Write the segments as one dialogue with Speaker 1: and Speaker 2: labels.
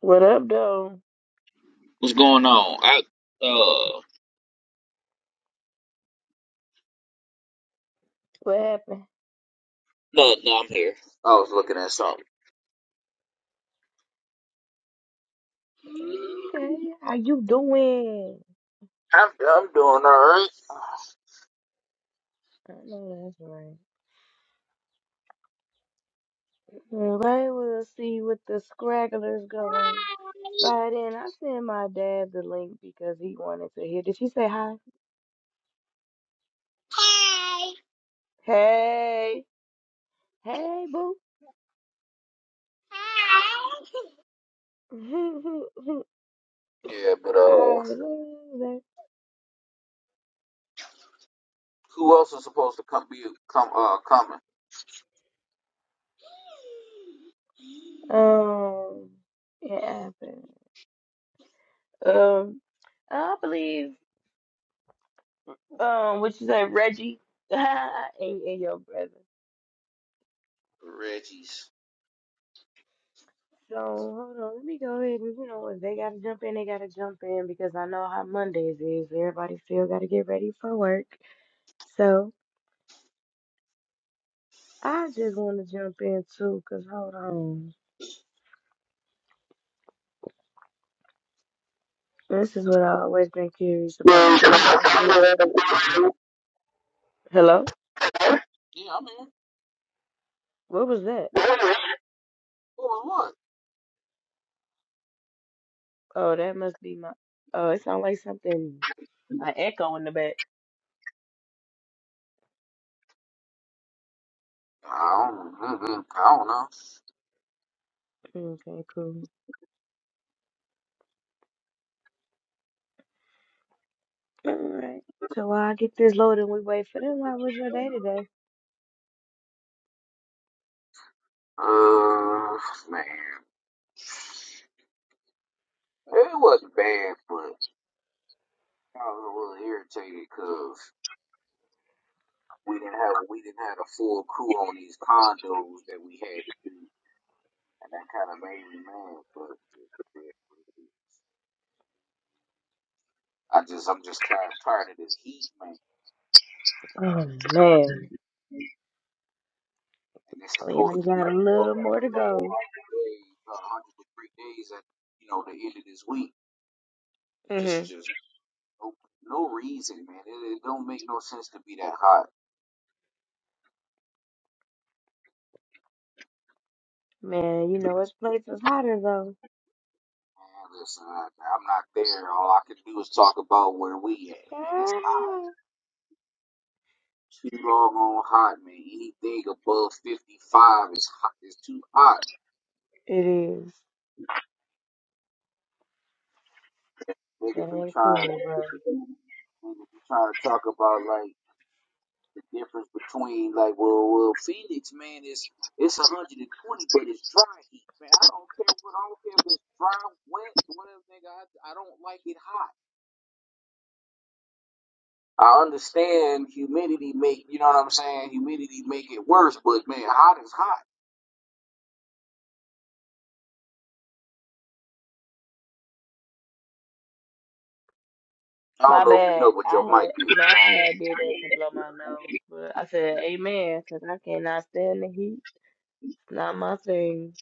Speaker 1: What up, though? What happened? Okay, how you doing? I know that's right. Well, we'll see what the scragglers gonna slide in. I sent my dad the link because he wanted to hear. Did she say hi? Hey, hey, boo. I love that. Um, it happened. Um, I believe. Um, what you say, Reggie? and, and your brother. So hold on, let me go ahead and you know if they gotta jump in, they gotta jump in because I know how Mondays is. Everybody still gotta get ready for work. So I just want to jump in too, cause hold on, this is what I always been curious about. So we gonna get on. Hello, what was that? Oh, that must be my. Oh, it sounds like something. An echo in the back. Okay, cool. All right. So while I get this loaded and we wait for them, how was your day today? Oh man, we only got a little more to go. hmm Man, you know, this place is hotter though. Ah, it is. That ain't cool, bro. My bad. I had no, I had did that to blow my nose, but I said amen because I cannot stand the heat. Not my thing.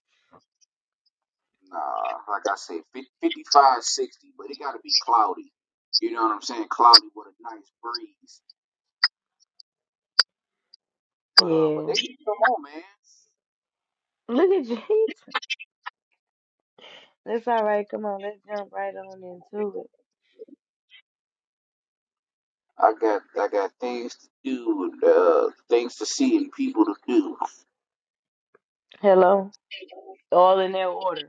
Speaker 1: Yeah. Look at you. It's all right. Come on, let's jump right on into it. Hello. All in their order.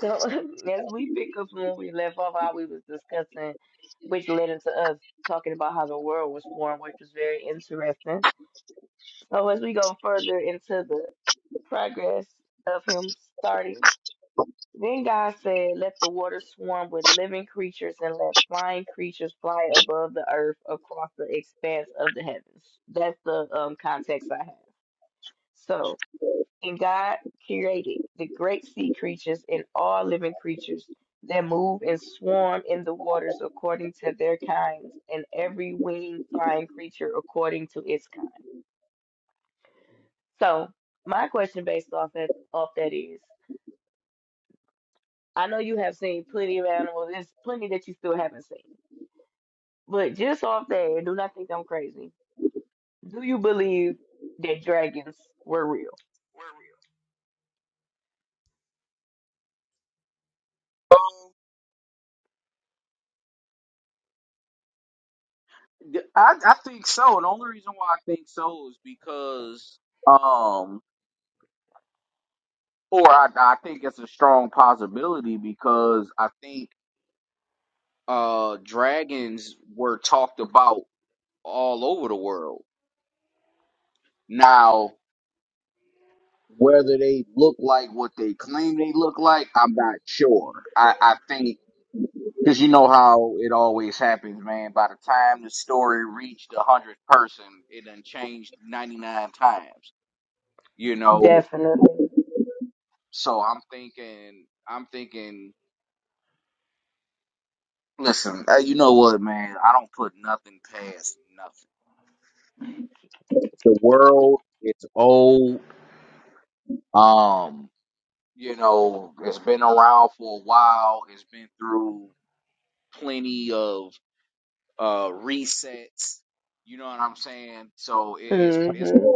Speaker 1: So as we pick up from where we left off, how we was discussing, which led into us talking about how the world was formed, which was very interesting. So as we go further into the progress of him starting, then God said, "Let the water swarm with living creatures, and let flying creatures fly above the earth across the expanse of the heavens." That's the um, context I have. So and God created the great sea creatures and all living creatures that move and swarm in the waters according to their kinds, and every winged flying creature according to its kind. So, my question based off that off that is, I know you have seen plenty of animals. There's plenty that you still haven't seen, but just off that, and do not think I'm crazy. Do you believe that dragons were real? Definitely. Mm-hmm.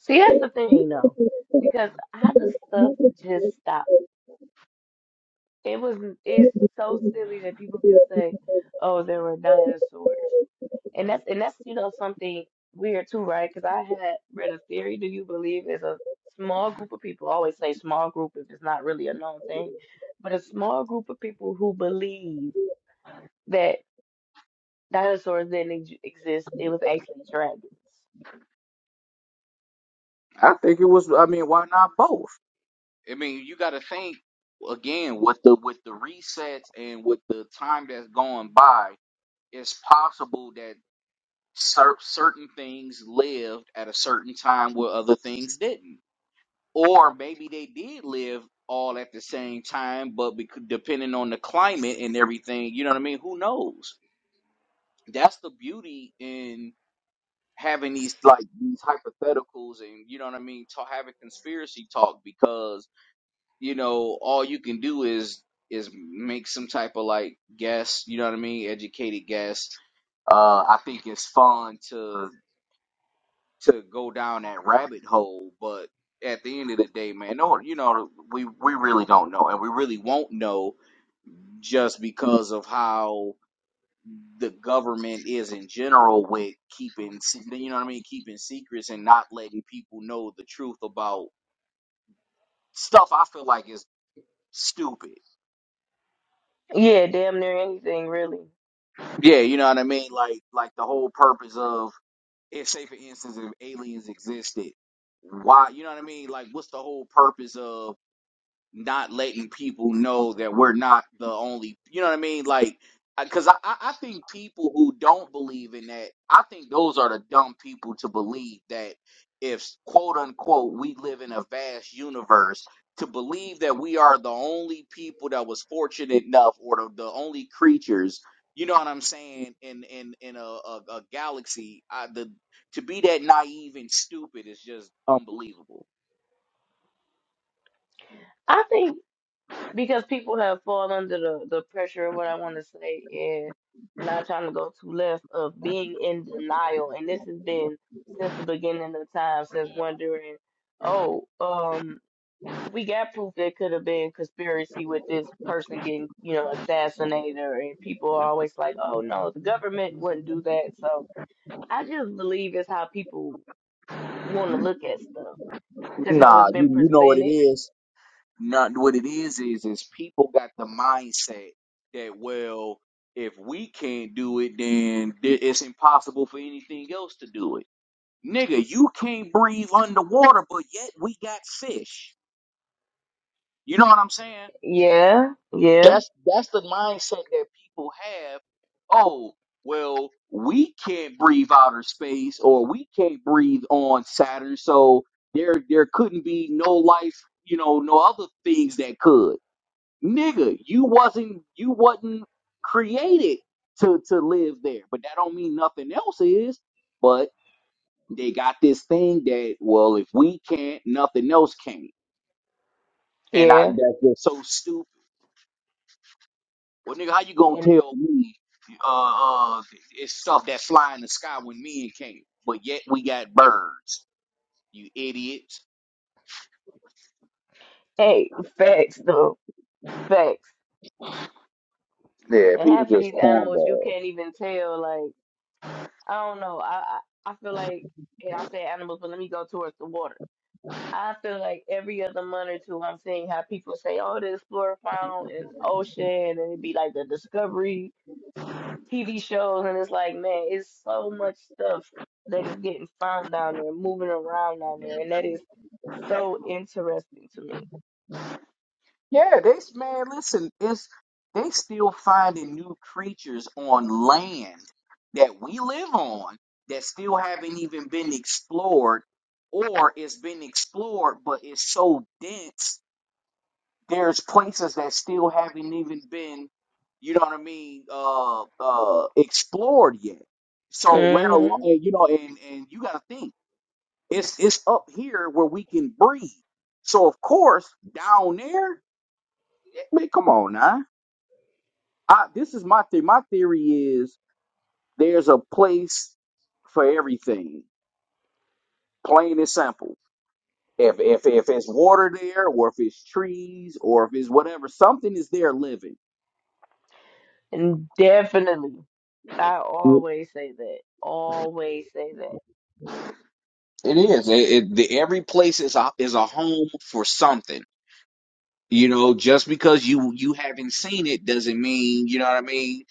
Speaker 1: See, that's the thing though, because how does stuff just stop? It was it's so silly that people can say, "Oh, there were dinosaurs," and that's and that's you know something weird too, right? Because I had read a theory. Do you believe is a small group of people? I always say small group if it's not really a known thing, but a small group of people who believe that dinosaurs didn't ex- exist. It was actually dragons. Yeah, damn near anything really. I think. because people have fallen under the, the pressure of what I want to say and not trying to go too left of being in denial. And this has been since the beginning of time, since wondering, oh, um, we got proof there could have been conspiracy with this person getting, you know, assassinated. And people are always like, oh, no, the government wouldn't do that. So I just believe it's how people want to look at stuff because how it's been presented. Yeah, yeah, yeah. Hey, facts though, facts. And half of these animals you can't even tell. Like I don't know. I I, I feel like, and I say animals, but let me go towards the water. I feel like every other month or two, I'm seeing how people say, "Oh, the explorer found an ocean," and it'd be like the Discovery TV shows, and it's like, man, it's so much stuff that is getting found down there, moving around down there, and that is so interesting to me. hmm And definitely. I always say that. Always say that.
Speaker 2: It is. It, it, the, every place is a, is a home for something. You know, just because you you haven't seen it doesn't mean you know what I mean.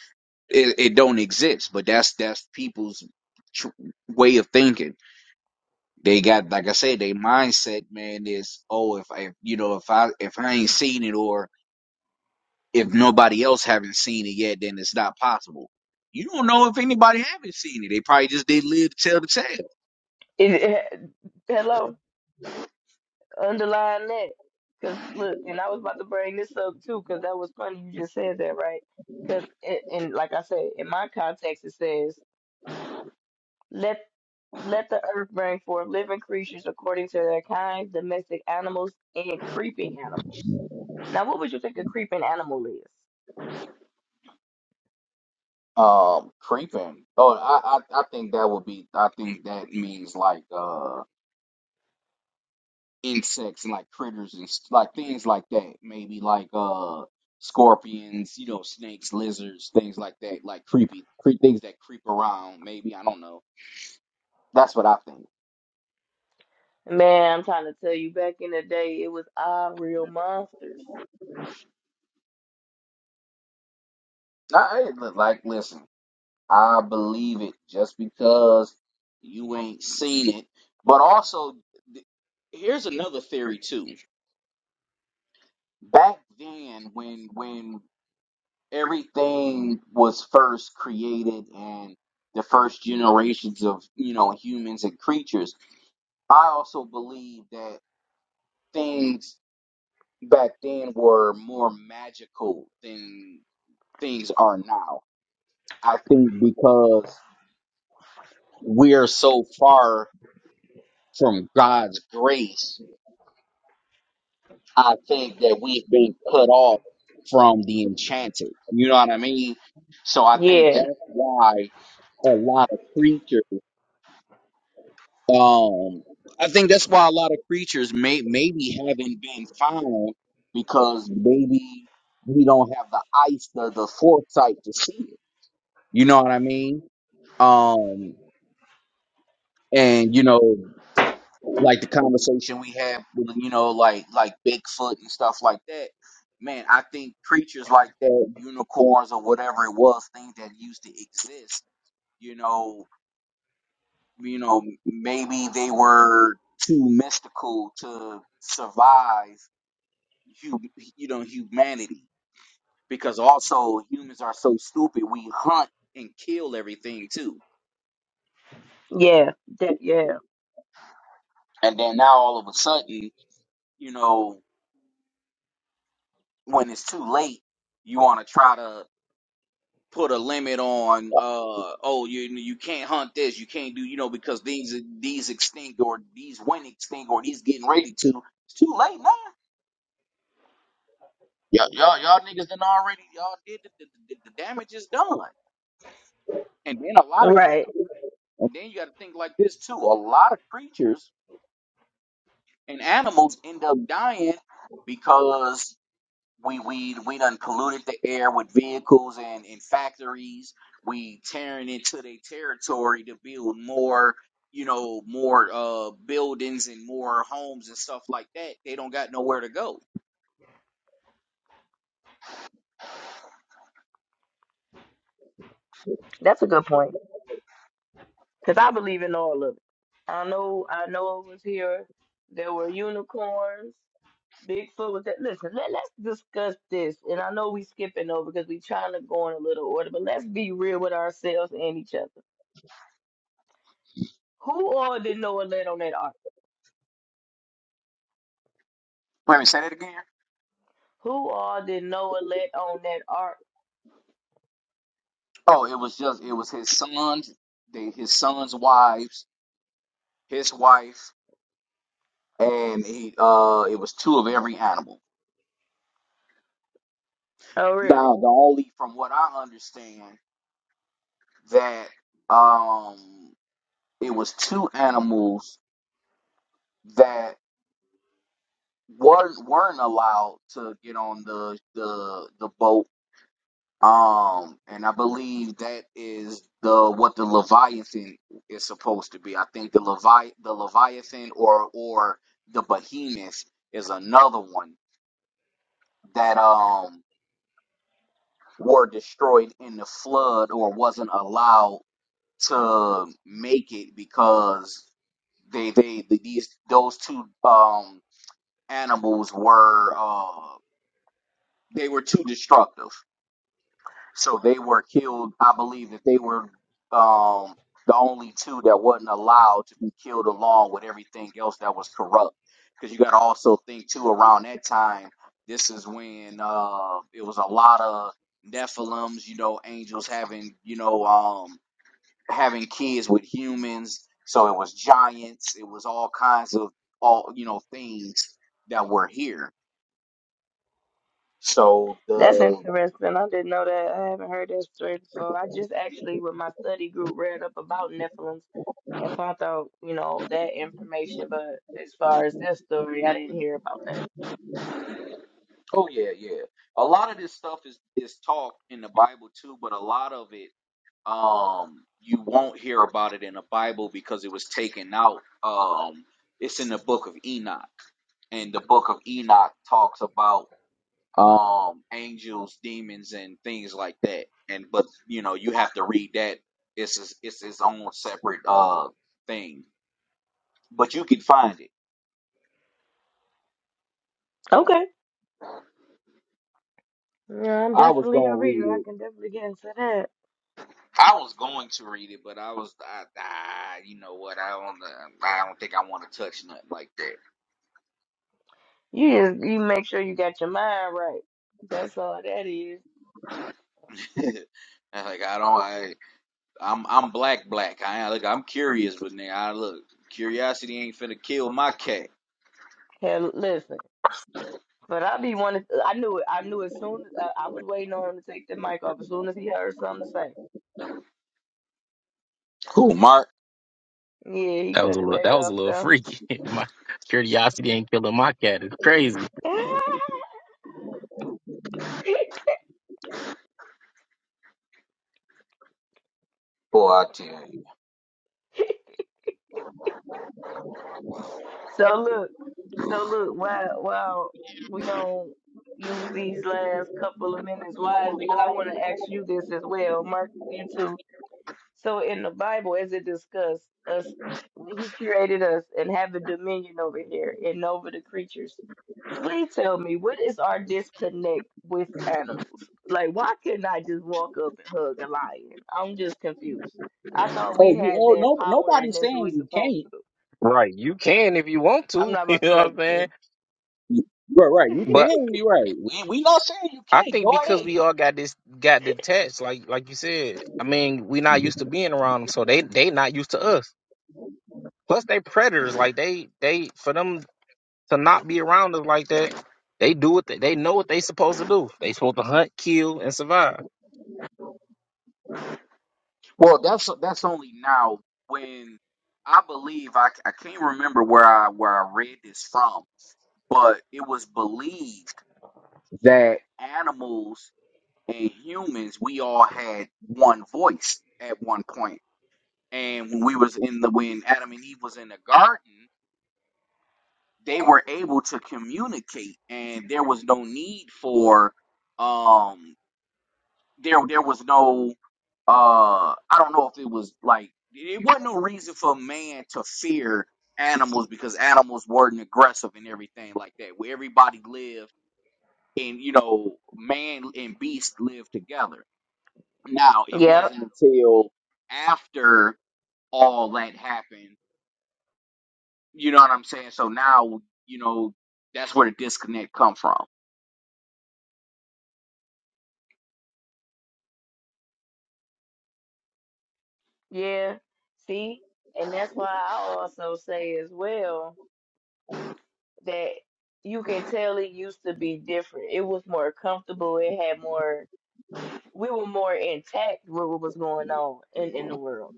Speaker 2: It, it don't exist. But that's that's people's tr- way of thinking. They got like I said, they mindset man is oh if I you know if I if I ain't seen or if they probably said
Speaker 1: It, it- hello, underline that. Cause look, and I was about to bring this up too, cause that was funny. You just said that, right? Cause and like I said, in my context, it says let let the earth bring forth living creatures according to their kind, domestic animals and creeping animals. Now, what would you think a creeping animal is? Man, I'm trying to tell you, back in the day, it was our real monsters.
Speaker 2: I was were God's. I, oh
Speaker 1: Yeah. Yeah, that, yeah, right. That's a good point because I believe in all of it. I know, I know over here there were unicorns. Bigfoot was that. Listen, let, let's discuss this. And I know we skipping over because we trying to go in a little order, but let's be real with ourselves and each other. Who all did Noah let on that ark? Who all did Noah let on that ark? Oh, really? That's interesting. I didn't know that. I haven't heard that story before. I just actually, with my study group, read up about Nephilim and found out, you know, that information. But as far as this story, I didn't hear about that. Okay. Yeah, I'm definitely a reader. I can definitely get into that. You just, you make sure you got your mind right. That's all that is. Hell, listen. But I be wanting. I knew it. I knew as soon as uh, I was waiting on him to take the mic off. As soon as he heard something to say, yeah, he
Speaker 3: That was
Speaker 1: cut
Speaker 3: a
Speaker 1: it
Speaker 3: little
Speaker 1: back
Speaker 3: that was a
Speaker 1: off
Speaker 3: little
Speaker 1: though.
Speaker 3: freaky. My curiosity ain't killing my cat. It's crazy.
Speaker 1: So look, so look, while while we gonna use these last couple of minutes wisely, because I want to ask you this as well, Mark, you too. So in the Bible, as it discussed us, when He created us and have a dominion over here and over the creatures. Please tell me, what is our disconnect with animals? Like, why couldn't I just walk up and hug a lion? I'm just confused. I thought we
Speaker 2: you
Speaker 1: had
Speaker 2: oh
Speaker 1: that
Speaker 2: no
Speaker 1: power and
Speaker 2: nobody's
Speaker 1: that's what we
Speaker 2: saying you can't.
Speaker 1: supposed to do.
Speaker 3: Right. You can if you want
Speaker 1: I'm
Speaker 3: to.
Speaker 1: not
Speaker 3: You
Speaker 1: about to
Speaker 3: know
Speaker 1: play
Speaker 3: what I'm
Speaker 1: with
Speaker 3: saying?
Speaker 1: you.
Speaker 2: Right, right. You
Speaker 3: But
Speaker 2: can. You're right.
Speaker 3: I think because we all got this got detached, like like you said, I mean, we not used to being around them, so they they not used to us. Plus they predators. Like they they for them to not be around us like that, they do what they, they know what they supposed to do. They supposed to hunt, kill, and survive.
Speaker 1: Yep. Yeah. See, and that's why I also say as well that you can tell it used to be different. It was more comfortable. It had more. We were more intact with what was going on in in the world,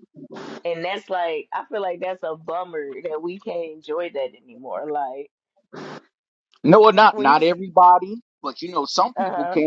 Speaker 1: and that's like I feel like that's a bummer that we can't enjoy that anymore. Like when you, uh huh,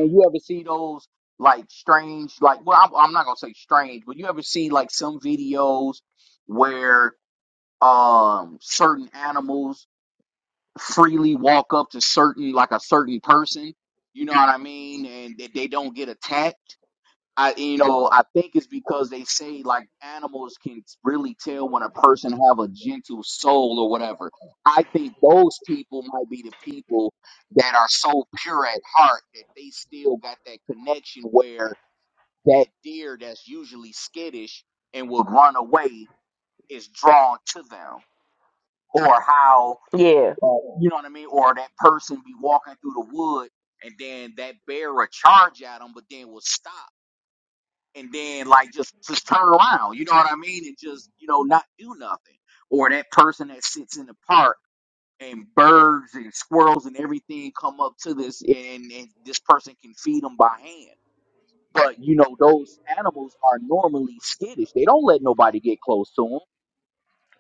Speaker 1: yeah,
Speaker 2: You know what I mean? Or that person be walking through the wood.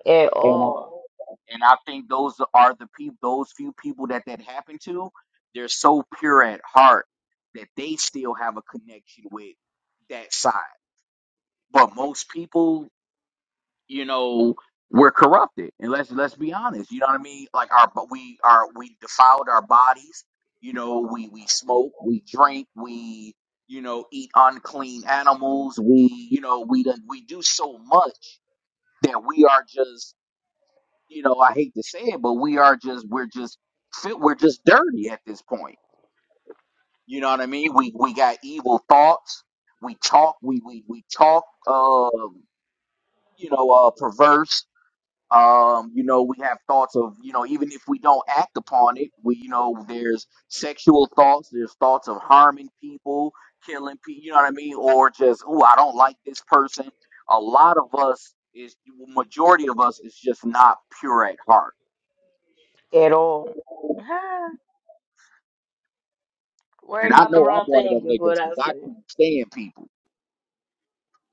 Speaker 1: at
Speaker 2: And,
Speaker 1: all, at all. Huh? Worried about the wrong thing is what I say.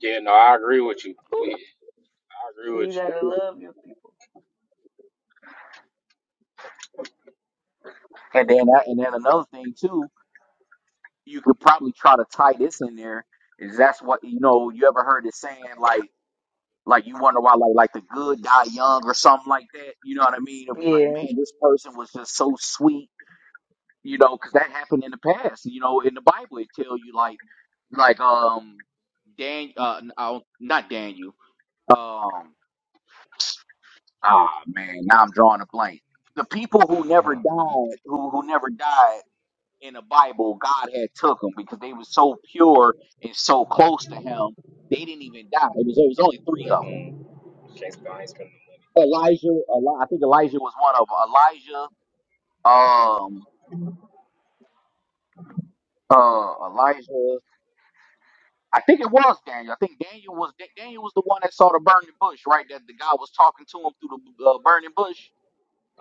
Speaker 3: Yeah, no, I agree with you.
Speaker 1: Oop.
Speaker 3: We, I agree
Speaker 1: So
Speaker 3: with
Speaker 1: you
Speaker 3: you.
Speaker 1: gotta love your people. Yeah.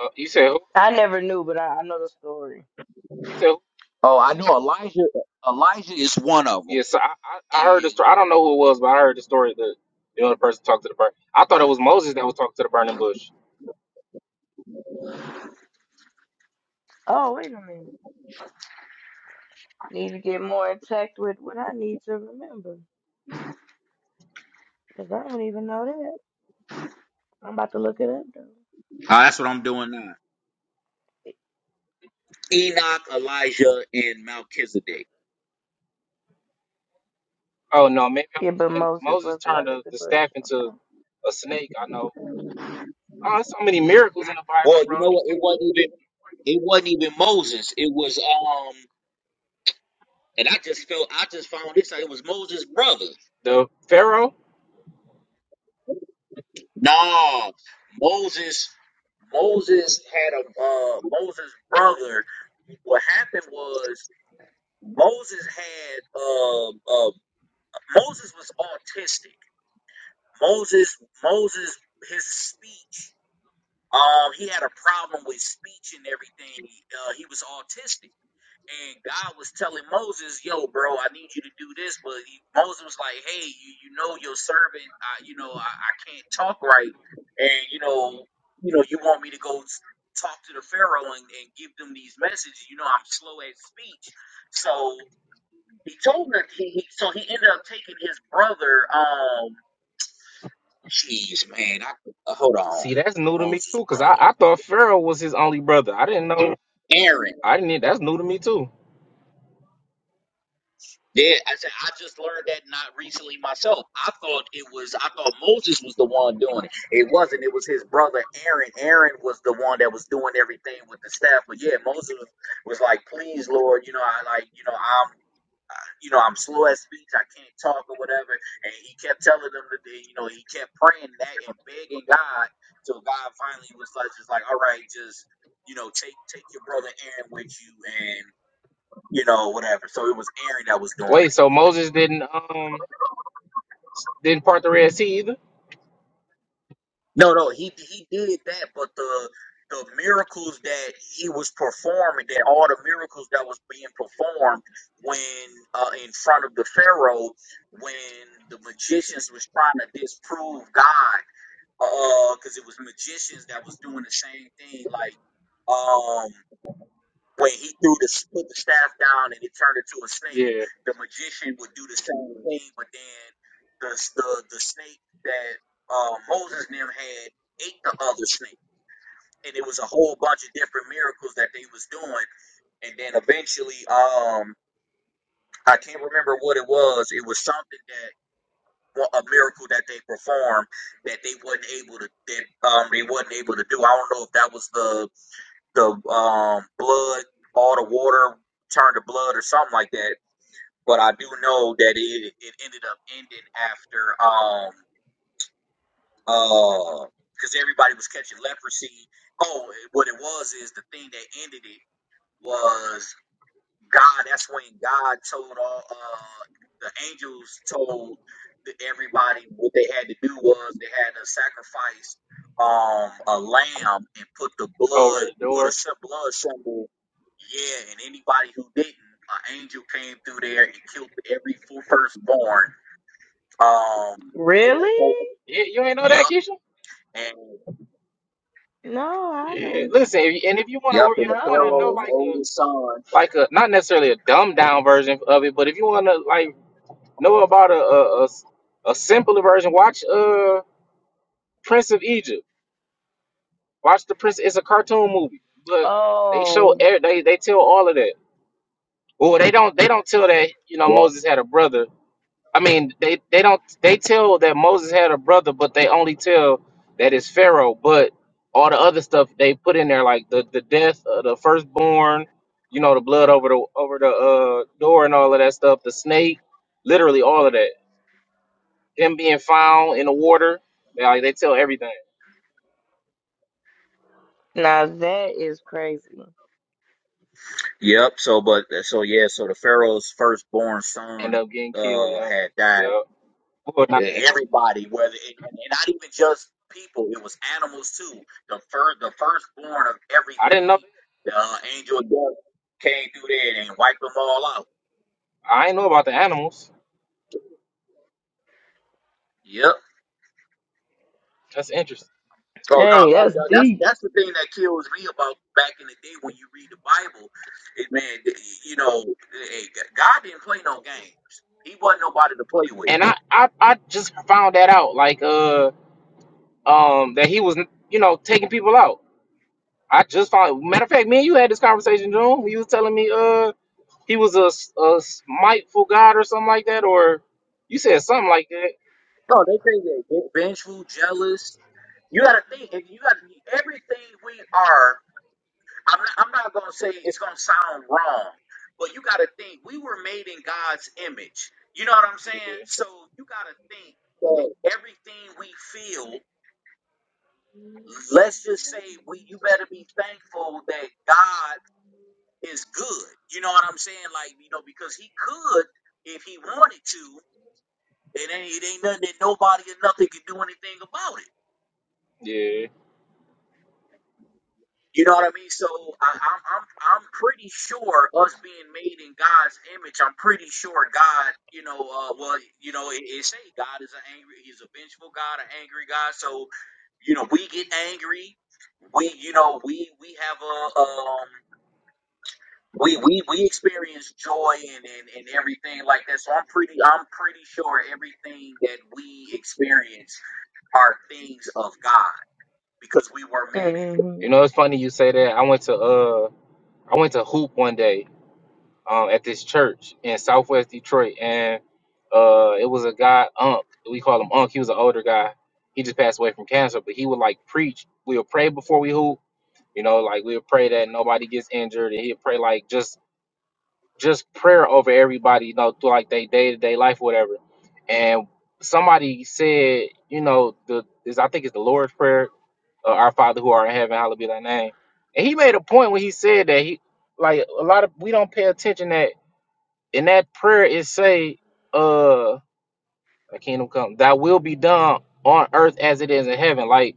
Speaker 3: Uh, you said who?
Speaker 1: I never knew, but I, I know the story.
Speaker 3: You said who Yeah, so I, I, I
Speaker 2: and
Speaker 3: heard the story. I don't know who it was, but I heard the story that the other person talked to the burn. I thought it was Moses that was talking to the burning bush.
Speaker 1: Oh, wait a minute. Need to get more in touch with what I need to remember. Because I don't even know that. I'm about to look it up, though.
Speaker 2: uh, that's what I'm doing now. Enoch, Elijah, and Melchizedek.
Speaker 3: Oh no, maybe I'm
Speaker 1: Yeah, but
Speaker 3: thinking
Speaker 1: Moses
Speaker 3: Moses
Speaker 1: was the
Speaker 3: turned
Speaker 1: one at
Speaker 3: the,
Speaker 1: the
Speaker 3: the
Speaker 1: bush.
Speaker 3: staff into
Speaker 1: Okay.
Speaker 3: a snake. I know. Oh, there's so many miracles in the Bible, bro. The Pharaoh. See, that's new to me too, cause I, I thought Pharaoh was his only brother. I didn't know. I didn't. e, That's new to me too. Wait, so Moses didn't um didn't part the Red Sea either? Yeah, over the door.
Speaker 2: And the
Speaker 1: Really?
Speaker 3: Yeah, you ain't know that, Keisha?
Speaker 1: No, I
Speaker 3: Yeah,
Speaker 1: don't.
Speaker 3: listen, if you, and if you want
Speaker 2: Yep,
Speaker 3: to,
Speaker 2: and
Speaker 3: if
Speaker 2: the
Speaker 3: you want to know
Speaker 2: Pharaoh's
Speaker 1: No.
Speaker 3: like a
Speaker 2: oldest son.
Speaker 3: like a not necessarily a dumbed down version of it, but if you want to like know about a a, a s- a simpler version, watch uh Prince of Egypt. Watch the Prince. It's a cartoon movie, but they show
Speaker 1: Oh.
Speaker 3: every, they they tell all of that. Well, they don't they don't tell that you know Moses had a brother I mean, they they don't they tell that Moses had a brother, but they only tell that it's Pharaoh. But all the other stuff they put in there, like the the death of the firstborn, you know, the blood over the over the uh, door and all of that stuff, the snake, literally that him being in the water, they all- everything
Speaker 1: Now that is crazy.
Speaker 3: end up getting killed. Yeah, yeah. Well, not yeah. I didn't know. I ain't know about the animals. That's interesting.
Speaker 1: Hey, that's deep.
Speaker 3: And I, I, I just found that out, like uh um that he was you know taking people out. I just found. Matter of fact, me and you had this conversation, June. You was telling me, uh, he was a, s- a smiteful god or something like that, or you said something like that.
Speaker 2: No, they think that. big
Speaker 3: Yeah,
Speaker 2: fat.
Speaker 3: yeah.
Speaker 1: hmm
Speaker 3: You know, it's funny you say that. I went to, uh, I went to hoop one day, um, at this church in Southwest Detroit, and uh, it was a guy, Unc. We call him Unc. He was an older guy. He just passed away from cancer, but he would like preach. We'll pray before we hoop. You know, like we'll pray that nobody gets injured, and he'll pray like just just prayer over everybody, you know, through like their day to day life, whatever. And somebody said, you know, the is I think it's the Lord's prayer, uh, our Father who art in heaven, hallowed be thy name. And he made a point when he said that he like a lot of we don't pay attention that in that prayer it say, uh, thy kingdom come, thy will be done on earth as it is in heaven. Like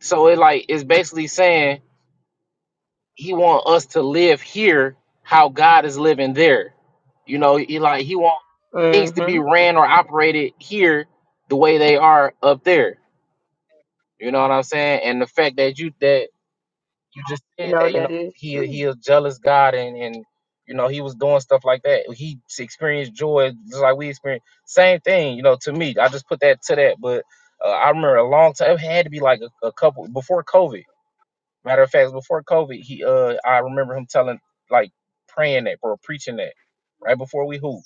Speaker 3: so, it like it's basically saying he want us to live here how God is living there. You know, he like he want things to
Speaker 1: hmm
Speaker 3: be ran or operated here the way they are up there. You know what I'm saying? And the fact that you that you just said
Speaker 1: No,
Speaker 3: that, you know,
Speaker 1: that is
Speaker 3: he
Speaker 1: true.
Speaker 3: he a jealous God and and you know he was doing stuff like that. He experienced joy just like we experienced. Same thing, you know, to me. I just put that to that, but uh, I remember a long time. It had to be like a, a couple before COVID. Matter of fact, before COVID, he uh I remember him telling like praying that or preaching that right before we hoop.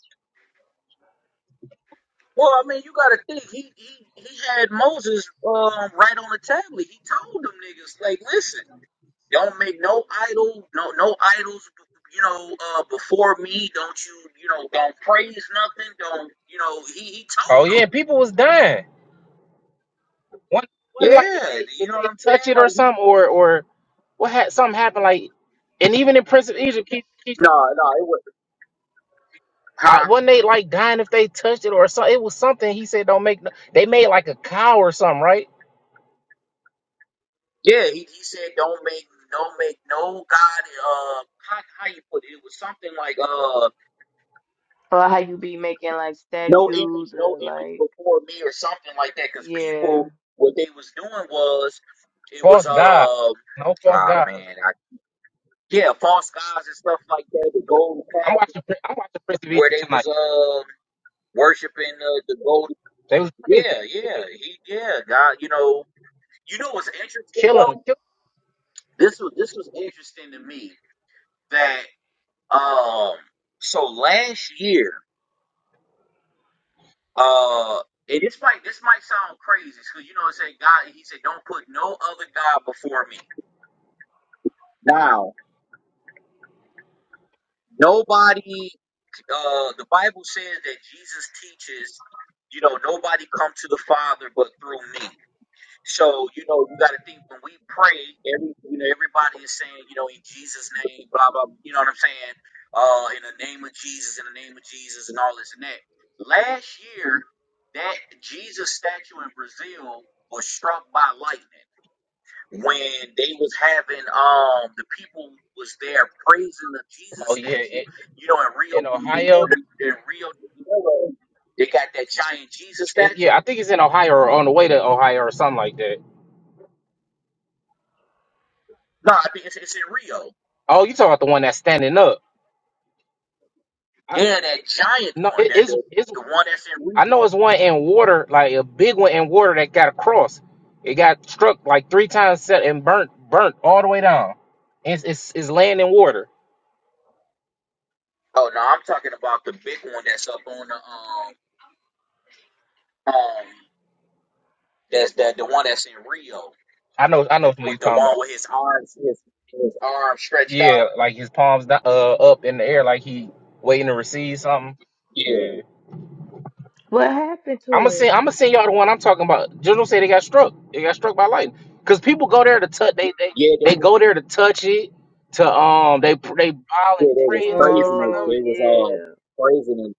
Speaker 3: Oh yeah, people was dying One, one like if they if they touch it or something, or or what had something happen like, and even in Prince of Egypt, he, he, I, wasn't they like dying if they touched it or something? It was something he said don't make. No, they made like a cow or something, right?
Speaker 1: Or how you be making like statues or like, yeah.
Speaker 3: False god, no false god. I'm watching. Prin- I'm watching Prince of Egypt tonight. They was crazy, Yeah. killing, killing. Oh yeah, in, in Ohio. It, yeah, I think it's in Ohio or on the way to Ohio or something like that. Oh, you talking about the one that's standing up? I, no, it is. I know it's one in water, like a big one in water that got across. It got struck like three times set and burnt, burnt all the way down. It's it's, it's laying in water. I know, I know what you're talking about.
Speaker 2: it's- it's- it's-
Speaker 3: Yeah, like his palms do- uh up in the air, like he waiting to receive something.
Speaker 2: Yeah,
Speaker 3: Yeah,
Speaker 1: What happened
Speaker 3: I'm
Speaker 1: to
Speaker 3: gonna
Speaker 1: it?
Speaker 3: send I'm gonna send y'all the one I'm talking about. General said they got struck. They got struck by lightning because people go there to touch. They they
Speaker 2: yeah, they
Speaker 3: they
Speaker 2: was-
Speaker 3: go there to touch it. To um, they they bow and
Speaker 2: yeah they was
Speaker 3: pray into it in
Speaker 2: praising
Speaker 3: front
Speaker 2: it.
Speaker 3: of
Speaker 1: Oh
Speaker 2: They
Speaker 3: it.
Speaker 2: was uh
Speaker 1: yeah,
Speaker 2: praising it.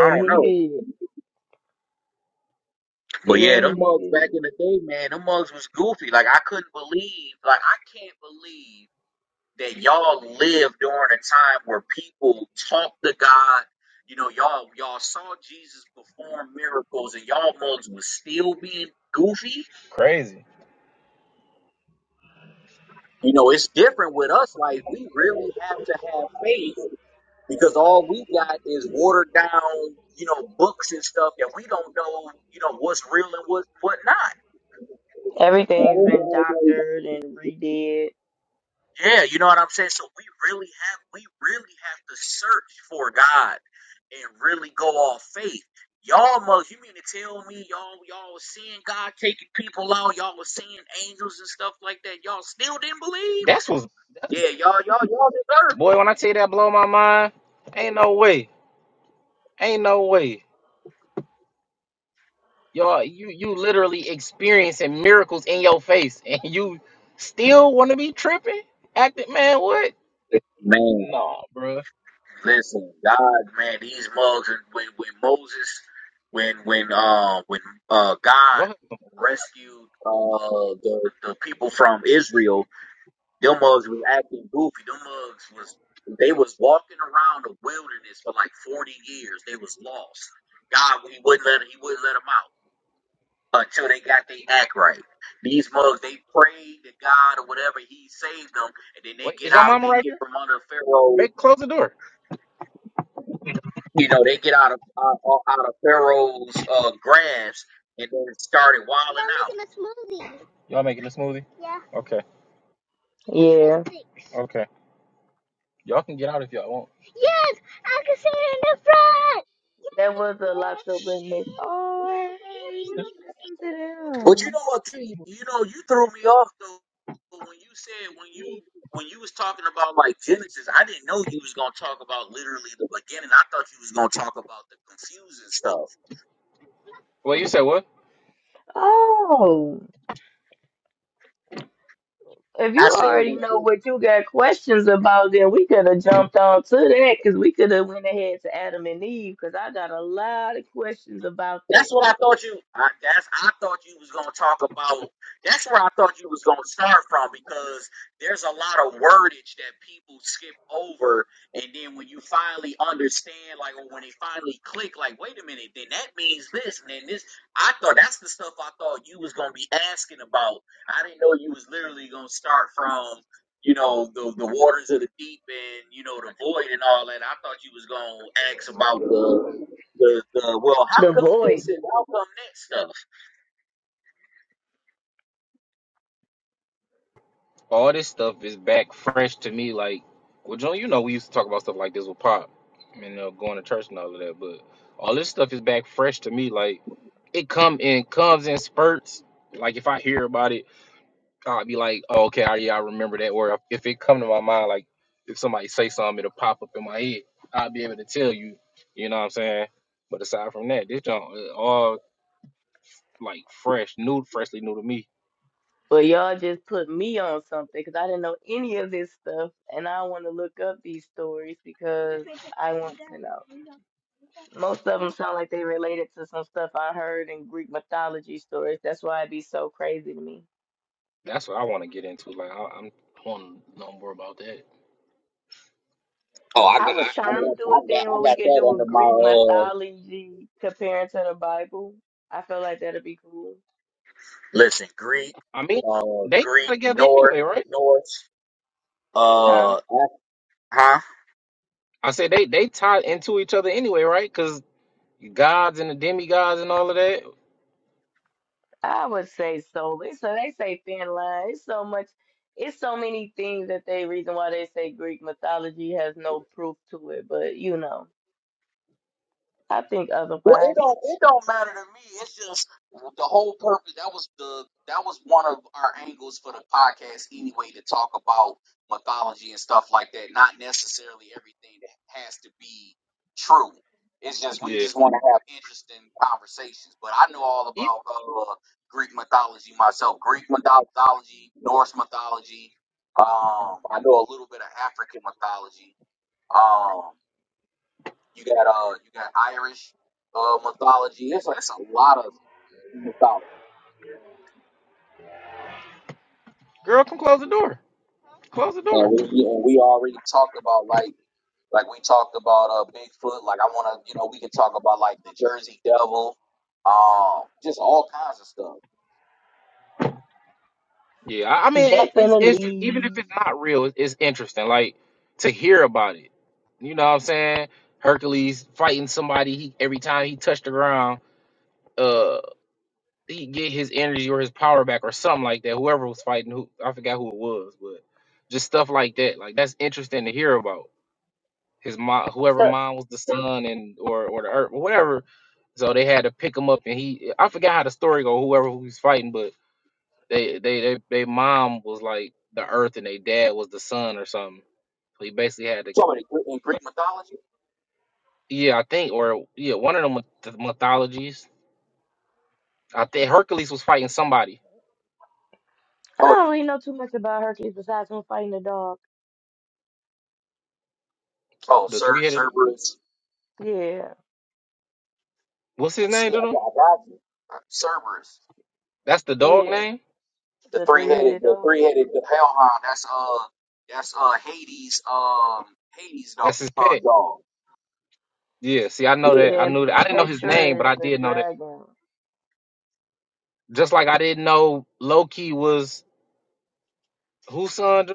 Speaker 1: and he did, and he did.
Speaker 3: Crazy.
Speaker 1: Everything's been doctored and redid.
Speaker 3: That's what's Boy, when I tell you that blow my mind, ain't no way. Ain't no way. Y'all, you you literally experiencing miracles in your face and you still wanna be tripping? Acting man, what? Nah, bruh. Go ahead. Wait, is your mama right there? Make close the door. Y'all making a smoothie? Okay.
Speaker 1: Yeah,
Speaker 3: Okay. Y'all can get out if y'all want.
Speaker 1: that was a lot to witness. Oh hey, listen to them.
Speaker 3: Well you said what?
Speaker 1: Oh, if you already know what you got questions about, then we could have jumped on to that because we could have went ahead to Adam and Eve because I got a lot of questions about that. The Divorce.
Speaker 3: all this stuff is back fresh to me. Like, well, John, you know, we used to talk about stuff like this with Pop and uh, going to church and all of that, but all this stuff is back fresh to me. Like, it come in comes in spurts. Like, if I hear about it, I'll be like, oh, okay, I, yeah, I remember that. Or if it come to my mind, like if somebody say something, it'll pop up in my head. I'll be able to tell you. You know what I'm saying? But aside from that, this John uh, all like fresh, new, freshly new to me.
Speaker 1: Well, y'all just put me on something because I didn't know any of this stuff, and I want to look up these stories because I want to know. Most of them sound like they related to some stuff I heard in Greek mythology stories. That's why it'd be so crazy to me.
Speaker 3: That's what I want to get into. Like, I, I'm I want to know more about that.
Speaker 1: I was
Speaker 2: I
Speaker 1: trying to
Speaker 2: got
Speaker 1: do
Speaker 2: I
Speaker 1: a
Speaker 2: got
Speaker 1: thing
Speaker 2: I
Speaker 1: where we
Speaker 2: got
Speaker 1: could
Speaker 2: that
Speaker 1: do a
Speaker 2: under my
Speaker 1: Greek
Speaker 2: uh,
Speaker 1: mythology comparing to the Bible. I feel like that'd be cool.
Speaker 3: I mean,
Speaker 2: uh
Speaker 3: they tie together anyway, right?
Speaker 1: Huh?
Speaker 2: act-
Speaker 3: I said they they tie into each other anyway, right? Because gods and the demigods and all of that.
Speaker 1: I would say so. It's So they say Finland. It's so much. It's so many things that they reason why they say Greek mythology has no proof to it. But you know, I think otherwise.
Speaker 3: Yeah, even, girl come close the door. Close the door. Yeah, I, I mean it, it's interesting. Even
Speaker 1: Definitely.
Speaker 3: if it's not real, it's, it's interesting. Like to hear about it. You know what I'm saying? Hercules fighting somebody. He every time he touched the ground, uh, he get his energy or his power back or something like that. Whoever was fighting, who I forgot who it was, but just stuff like that. Like that's interesting to hear about his mom, whoever
Speaker 1: So
Speaker 3: mom was the son and or or the earth, whatever. So they had to pick him up, and he I forgot how the story go. Whoever who he's fighting, but they they they they mom was like the earth, and they dad was the sun or something. So he basically had to yeah I think or yeah one of them the mythologies. I think Hercules was fighting somebody.
Speaker 1: I don't really know too much about Hercules besides him fighting the dog.
Speaker 3: The three headed
Speaker 1: Yeah,
Speaker 3: what's his name to them? That's the dog
Speaker 1: yeah,
Speaker 3: name.
Speaker 1: the three-headed dog.
Speaker 3: That's his pet. Yeah. See, I know
Speaker 2: yeah
Speaker 3: that. I
Speaker 1: then
Speaker 3: knew that. I didn't know his name,
Speaker 1: Petra
Speaker 3: but
Speaker 1: is
Speaker 3: I
Speaker 1: the
Speaker 3: did know that.
Speaker 1: dragon.
Speaker 3: Just like I didn't know Loki was whose son?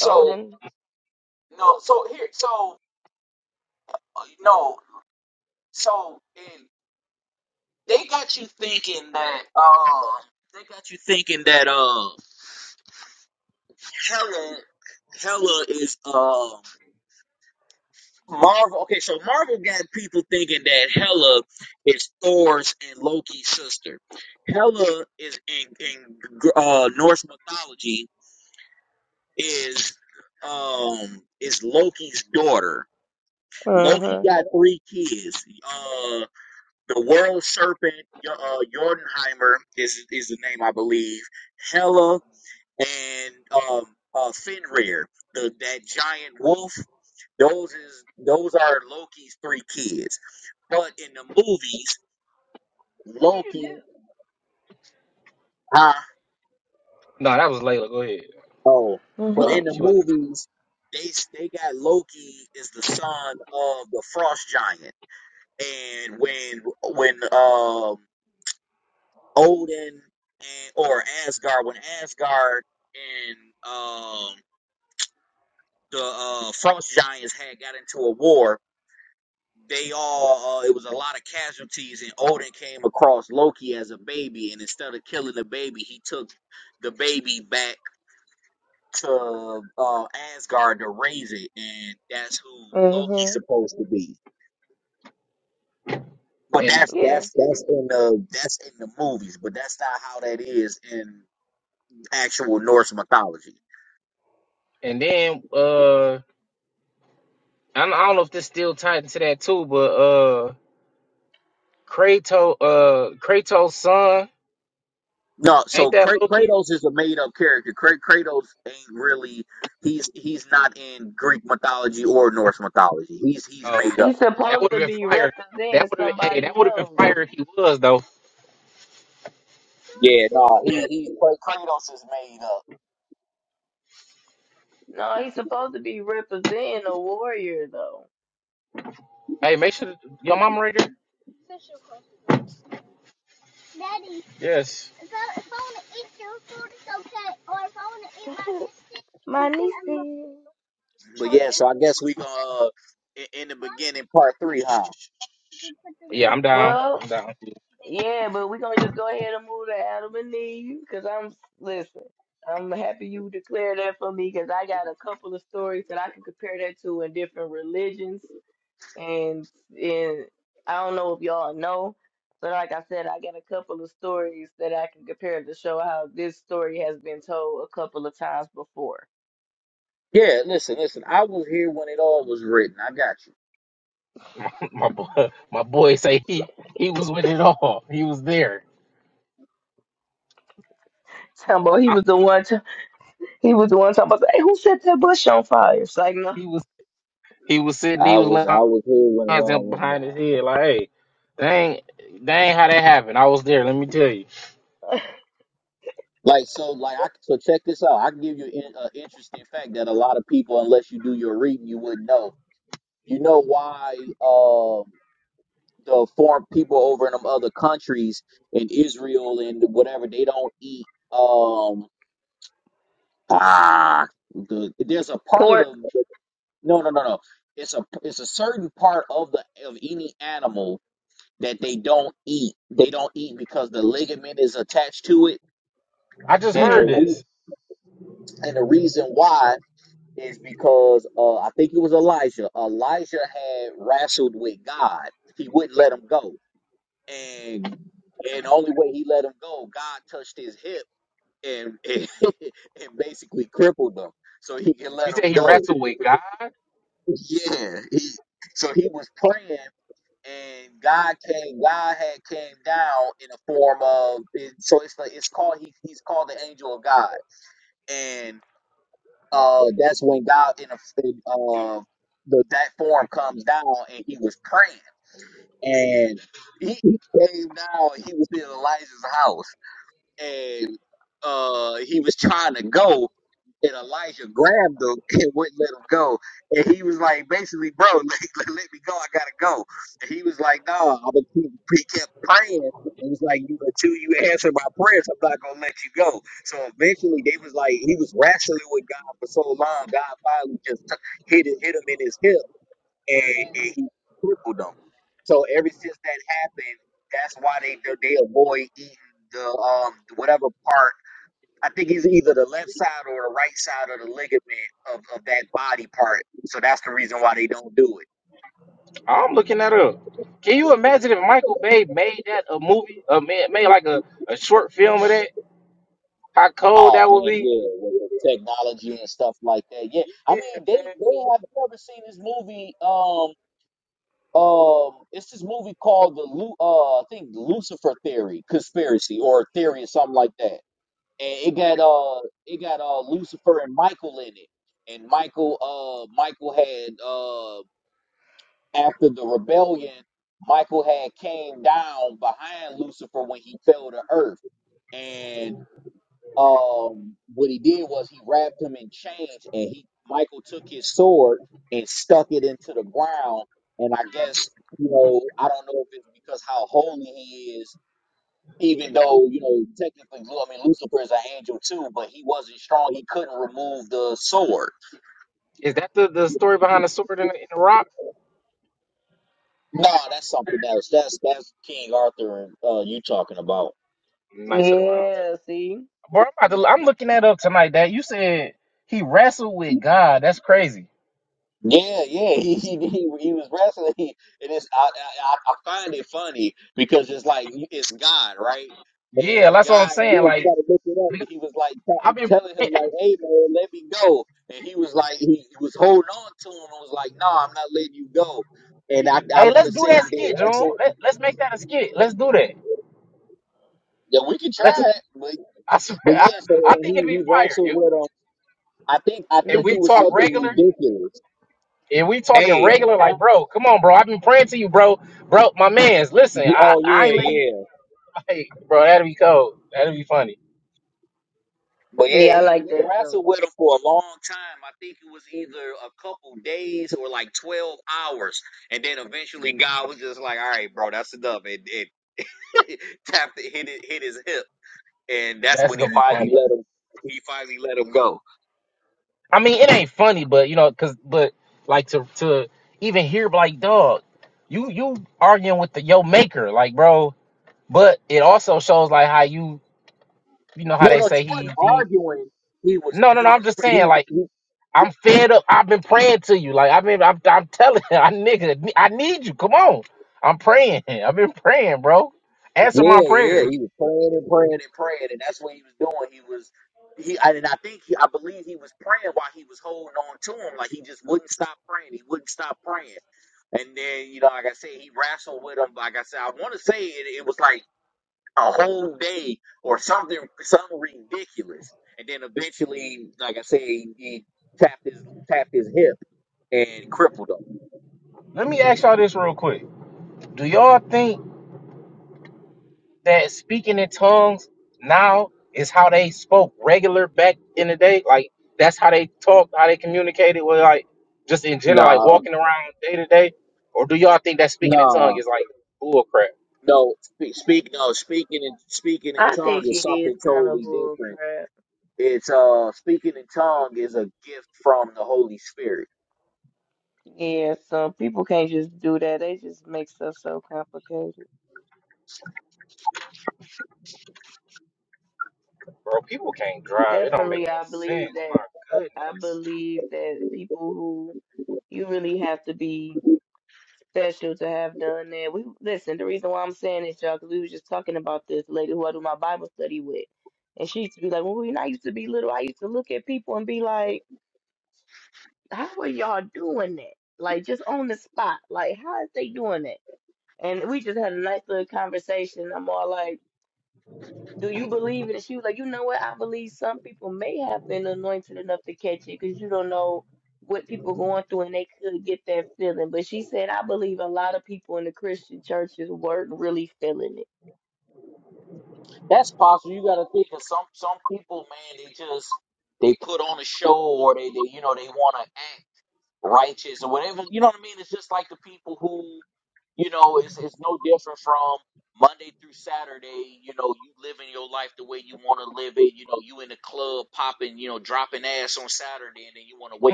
Speaker 1: Odin. Mhm.
Speaker 3: No, that was Layla. Go ahead.
Speaker 1: Mhm.
Speaker 3: She was,
Speaker 1: Mhm.
Speaker 3: and
Speaker 1: Yeah.
Speaker 3: and then uh, I don't, I don't know if this still tied into that too, but uh, Kratos uh Kratos' son ain't that Loki? Oh, okay.
Speaker 1: He's
Speaker 3: That
Speaker 1: supposed
Speaker 3: would
Speaker 1: to
Speaker 3: have been
Speaker 1: be
Speaker 3: fire.
Speaker 1: representing
Speaker 3: That would have been hey, that
Speaker 1: somebody
Speaker 3: would have been
Speaker 1: else.
Speaker 3: fire if he was though.
Speaker 1: No, he's supposed to be representing a warrior though.
Speaker 3: Hey, make sure your mama right there. Yes.
Speaker 1: My niece.
Speaker 3: Yeah, I'm down.
Speaker 1: Well,
Speaker 3: I'm down.
Speaker 1: yeah, but we're gonna just go ahead and move to Adam and Eve because I'm listen. I'm happy you declared that for me because I got a couple of stories that I can compare that to in different religions and and I don't know if y'all know, but like I said, I got a couple of stories that I can compare to show how this story has been told a couple of times before.
Speaker 3: My boy, my boy say he he was with it all. He was there.
Speaker 1: Tambo, he
Speaker 3: I,
Speaker 1: was the one. He was the one talking about, hey, who set that bush on fire? It's like, no.
Speaker 3: he was he was sitting. He was laying his hands behind his head like, hey. Dang, dang, how that happened. I was there. Let me tell you.
Speaker 1: Pork.
Speaker 3: I just
Speaker 1: hmm
Speaker 3: heard this. You said he wrestled with God. I'm looking that up. Can you imagine if Michael Bay made that a movie, uh, made, made like a, a short film of that? How cold that would be? Is that the, the story behind the sword in the, in the rock? Nice of the round table.
Speaker 1: Yeah, see?
Speaker 3: Bro, I'm, about to, I'm looking that up tonight. That you said he wrestled with God. That's crazy. Yeah, that's what I'm saying. Like I've been. Hey, let's do that skit, John. Let, let's make that a skit. Let's do that. Let's. I swear, I, I think it'd be fire. If, if we talk regular, if we talking regular, like, bro, come on, bro. I've been praying to you, bro. Bro, my man's, listen, I, I ain't let you,
Speaker 2: yeah.
Speaker 3: like, bro, that'd be cold. That'd be funny.
Speaker 1: Yeah, I like that color.
Speaker 3: That's gonna be funny. I mean, it ain't funny, but, you know, cause, but, like, to, to even hear, like, dog, you, you arguing with the, your maker, like, bro, but it also shows, like, how you, you know, how
Speaker 2: No,
Speaker 3: they
Speaker 2: no, he
Speaker 3: say
Speaker 2: wasn't
Speaker 3: he, he,
Speaker 2: arguing. He was
Speaker 3: no, no,
Speaker 2: he
Speaker 3: no, I'm
Speaker 2: was
Speaker 3: just saying,
Speaker 2: he
Speaker 3: like, I'm fed up. I've been praying to you. Like I've been, I'm, I'm telling I nigga, I need you. Come on. I'm praying. I've been praying, bro. Answer my prayer. Let me ask y'all this real quick. Do y'all think that speaking in tongues now is how they spoke regular back in the day? Like that's how they talked, how they communicated with like just in general, like
Speaker 2: nah
Speaker 3: walking around day to day? Or do y'all think that speaking in tongues
Speaker 2: nah.
Speaker 3: is like bull crap?
Speaker 1: I think it is kind of bull crap. Yeah, some people can't just do that. They just make stuff so complicated.
Speaker 3: Bro, people can't drive. It don't make no
Speaker 1: Definitely, I
Speaker 3: sense.
Speaker 1: believe
Speaker 3: My
Speaker 1: that. I
Speaker 3: goodness.
Speaker 1: believe that people who you really have to be. special to have done that. We listen. The reason why I'm saying this, y'all, because we was just talking about this lady who I do my Bible study with, and she used to be like, "Well, when I used to be little, I used to look at people and be like, how are y'all doing that? Like just on the spot, like how is they doing that?" And we just had a nice little conversation. I'm all like. Do you believe it? She was like, you know what? I believe some people may have been anointed enough to catch it because you don't know what people going through and they could get that feeling. But she said, I believe a lot of people in the Christian churches weren't really feeling it.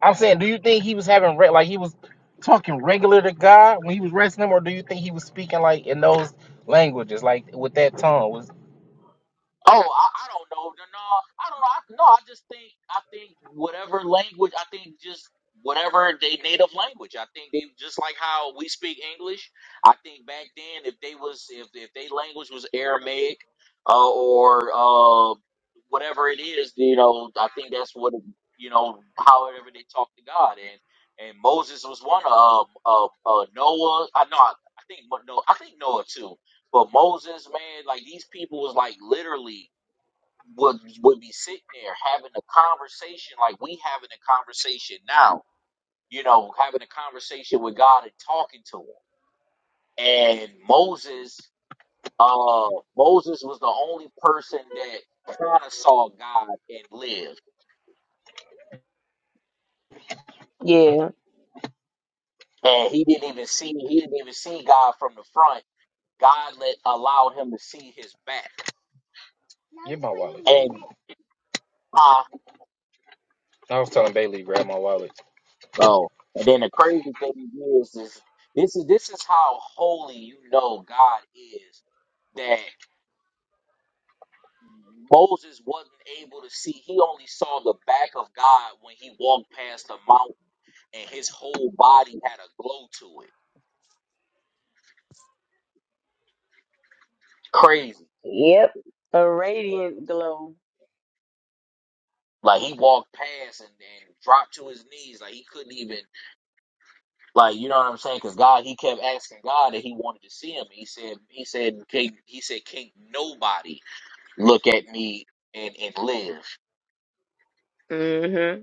Speaker 3: I'm saying, do you think he was having re- like he was talking regular to God when he was wrestling him, or do you think he was speaking like in those languages, like with that tongue? Was
Speaker 1: Yeah.
Speaker 3: I was telling Bailey to grab my wallet.
Speaker 1: Yep. A radiant glow. hmm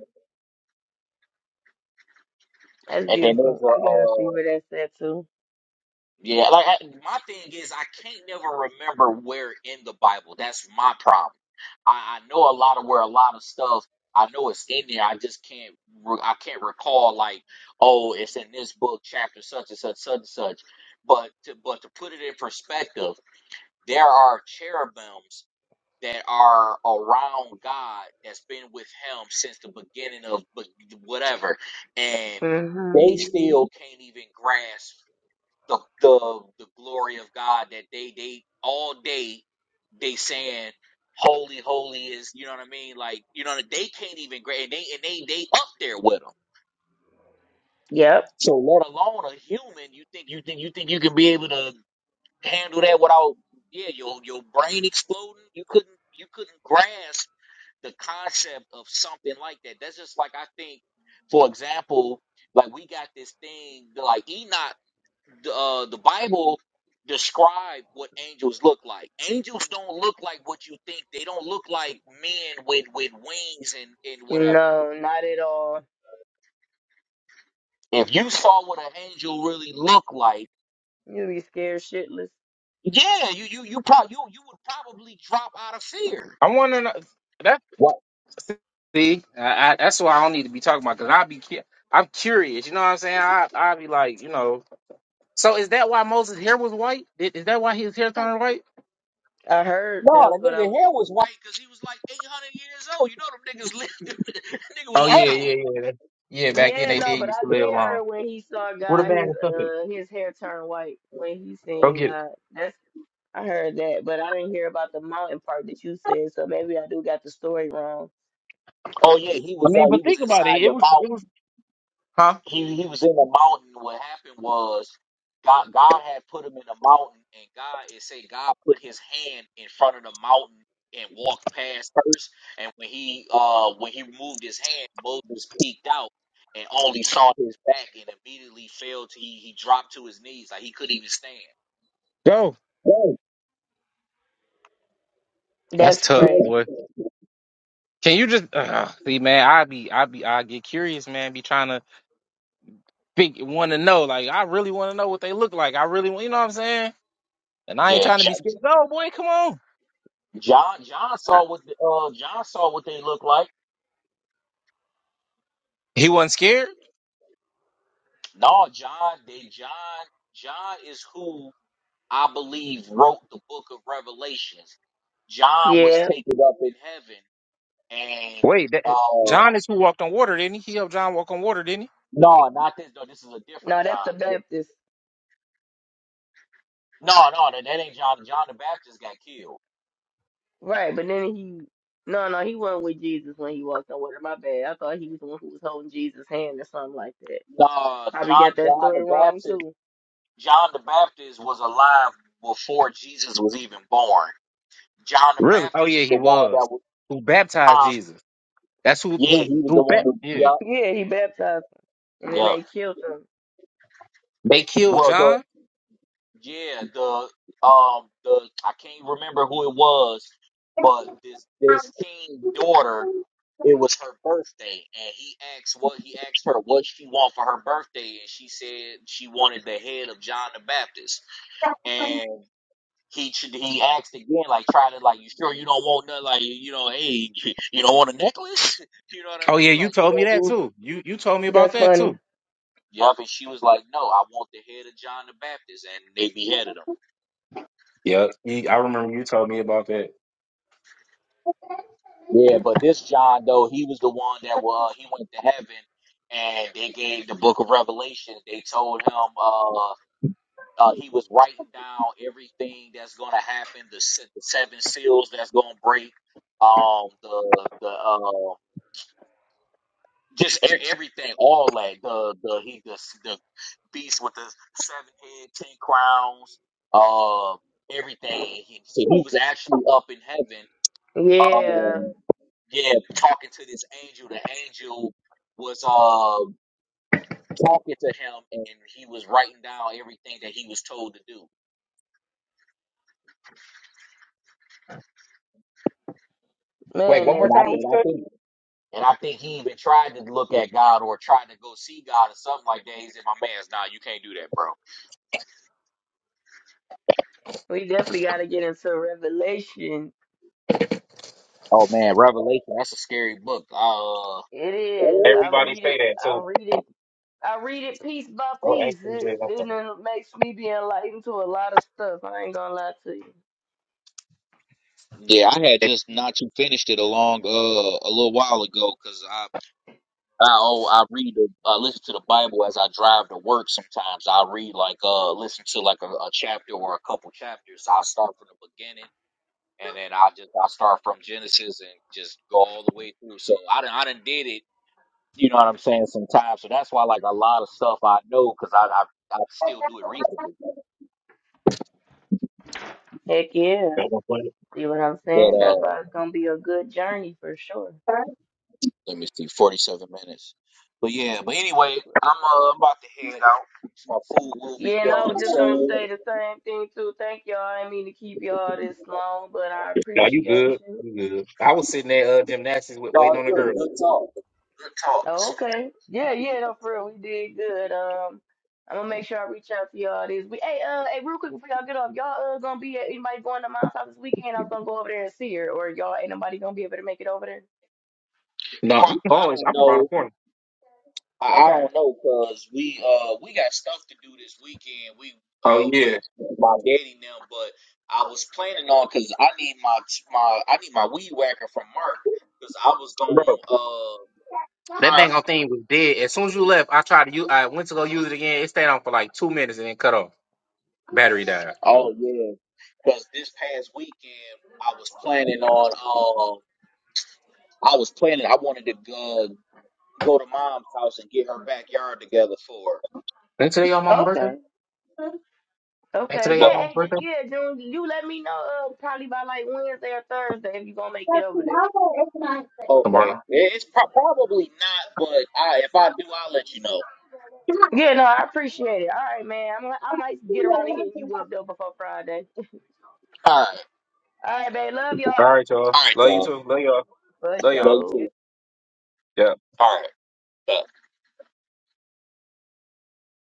Speaker 1: That's
Speaker 2: And then
Speaker 1: beautiful.
Speaker 2: there's a
Speaker 1: I gotta
Speaker 2: uh
Speaker 1: see where that's at too. hmm
Speaker 2: they
Speaker 1: Yep.
Speaker 2: So let
Speaker 1: No, not at all. You be scared shitless.
Speaker 3: I want to know that.
Speaker 2: what
Speaker 3: See, I, I, that's why I don't need to be talking about because i be cu- I'm curious. You know what I'm saying? I i be like, you know. So is that why Moses' hair was white? Is, is that why his hair turned white?
Speaker 1: I heard that was what I was.
Speaker 3: Oh yeah. yeah. Ba-
Speaker 1: Yeah, no, but I did hear
Speaker 3: I
Speaker 1: when he saw God, his uh his hair turn white when he seen God. That's I heard that, but I didn't hear about the mountain part that you said. So maybe I do got the story wrong.
Speaker 3: mean, but think about it. It was it was Huh? Go.
Speaker 2: what
Speaker 3: That's
Speaker 1: That's
Speaker 3: tough,
Speaker 1: crazy.
Speaker 3: boy. Can you just uh, see, man? I be, I be, I get curious, man. Be trying to think, want to know. Like, I really want to know what they look like. I really, want- you know what I'm saying? And I ain't trying to be scared. No, boy, come on.
Speaker 1: I,
Speaker 3: He wasn't scared.
Speaker 1: yeah,
Speaker 2: is up
Speaker 3: Wait, that,
Speaker 2: Uh,
Speaker 3: John is who walked on water, didn't he? He helped John walk on water, didn't he?
Speaker 1: no, that's the Baptist, right? But then he, no, no, he wasn't with Jesus when he walked on water. My bad. I thought he was the one who was holding Jesus' hand or something like that. Probably got that story wrong too.
Speaker 3: Really? Oh yeah,
Speaker 2: the
Speaker 3: he
Speaker 2: one
Speaker 3: was.
Speaker 2: that was
Speaker 3: Who baptized Jesus? That's who, who,
Speaker 2: he was the
Speaker 3: who?
Speaker 2: one
Speaker 3: Bat-
Speaker 2: who
Speaker 3: yeah,
Speaker 2: yeah.
Speaker 1: Yeah, he baptized him, and then they killed him.
Speaker 3: they killed
Speaker 2: the
Speaker 3: John.
Speaker 2: this
Speaker 3: Oh yeah, you told me that too. You, you told me about
Speaker 1: That's
Speaker 3: that
Speaker 1: funny.
Speaker 3: too. Yeah, you- I remember you told me about that.
Speaker 1: Yeah,
Speaker 3: Wait,
Speaker 1: man,
Speaker 3: one more
Speaker 2: and
Speaker 1: that's
Speaker 2: I
Speaker 3: time. What
Speaker 2: think
Speaker 1: deep.
Speaker 2: I
Speaker 3: you
Speaker 2: think
Speaker 1: We definitely got to get into Revelation. It is. I read it. I
Speaker 3: said?
Speaker 1: read it. I read it piece by piece. It, and it makes me be enlightened to a lot of stuff. I ain't gonna lie to you. Heck yeah. See what I'm saying? That's why it's gonna be a good journey for sure. Yeah, and I was just gonna
Speaker 2: so.
Speaker 1: say the same thing too. Thank y'all. I didn't mean to keep y'all this long, but I
Speaker 3: No, you
Speaker 1: appreciate
Speaker 3: good.
Speaker 1: you.
Speaker 3: You good. I was sitting there uh, gymnastics with
Speaker 2: No,
Speaker 3: waiting
Speaker 2: it's
Speaker 3: on a
Speaker 2: good,
Speaker 3: girl.
Speaker 2: good talk.
Speaker 1: Oh, Okay. Yeah, yeah, no, for real. We did good. Um, I'm gonna make sure I reach out to y'all this week. Hey, uh, hey, real quick before y'all get off, y'all uh gonna be at anybody going to mom's house this weekend? I was gonna go over there and see her, or y'all ain't nobody gonna be able to make it over there?
Speaker 3: No. You always, I'm around the corner.
Speaker 1: Okay.
Speaker 3: Oh yeah. That dang on thing was dead. As soon as you left, I tried to use. I went to go use it again. It stayed on for like two minutes and then cut off.
Speaker 1: Hey.
Speaker 3: Ain't today your mama's birthday?
Speaker 1: Okay.
Speaker 3: Ain't
Speaker 1: Okay.
Speaker 3: today your
Speaker 1: Yeah,
Speaker 3: mama's
Speaker 1: hey, Ju-
Speaker 3: birthday?
Speaker 1: yeah, June, you let me know uh probably by like Wednesday or Thursday if you gonna make it over there.
Speaker 3: Tomorrow.
Speaker 1: Yeah, no, I appreciate it. All right, man. I'm I might get around to hitting you up though before Friday. All right, babe. Love
Speaker 3: All
Speaker 1: y'all.
Speaker 3: right, y'all. Love you too. Love y'all.
Speaker 1: For
Speaker 3: Love y'all.
Speaker 1: sure.
Speaker 2: but uh,
Speaker 3: Yeah.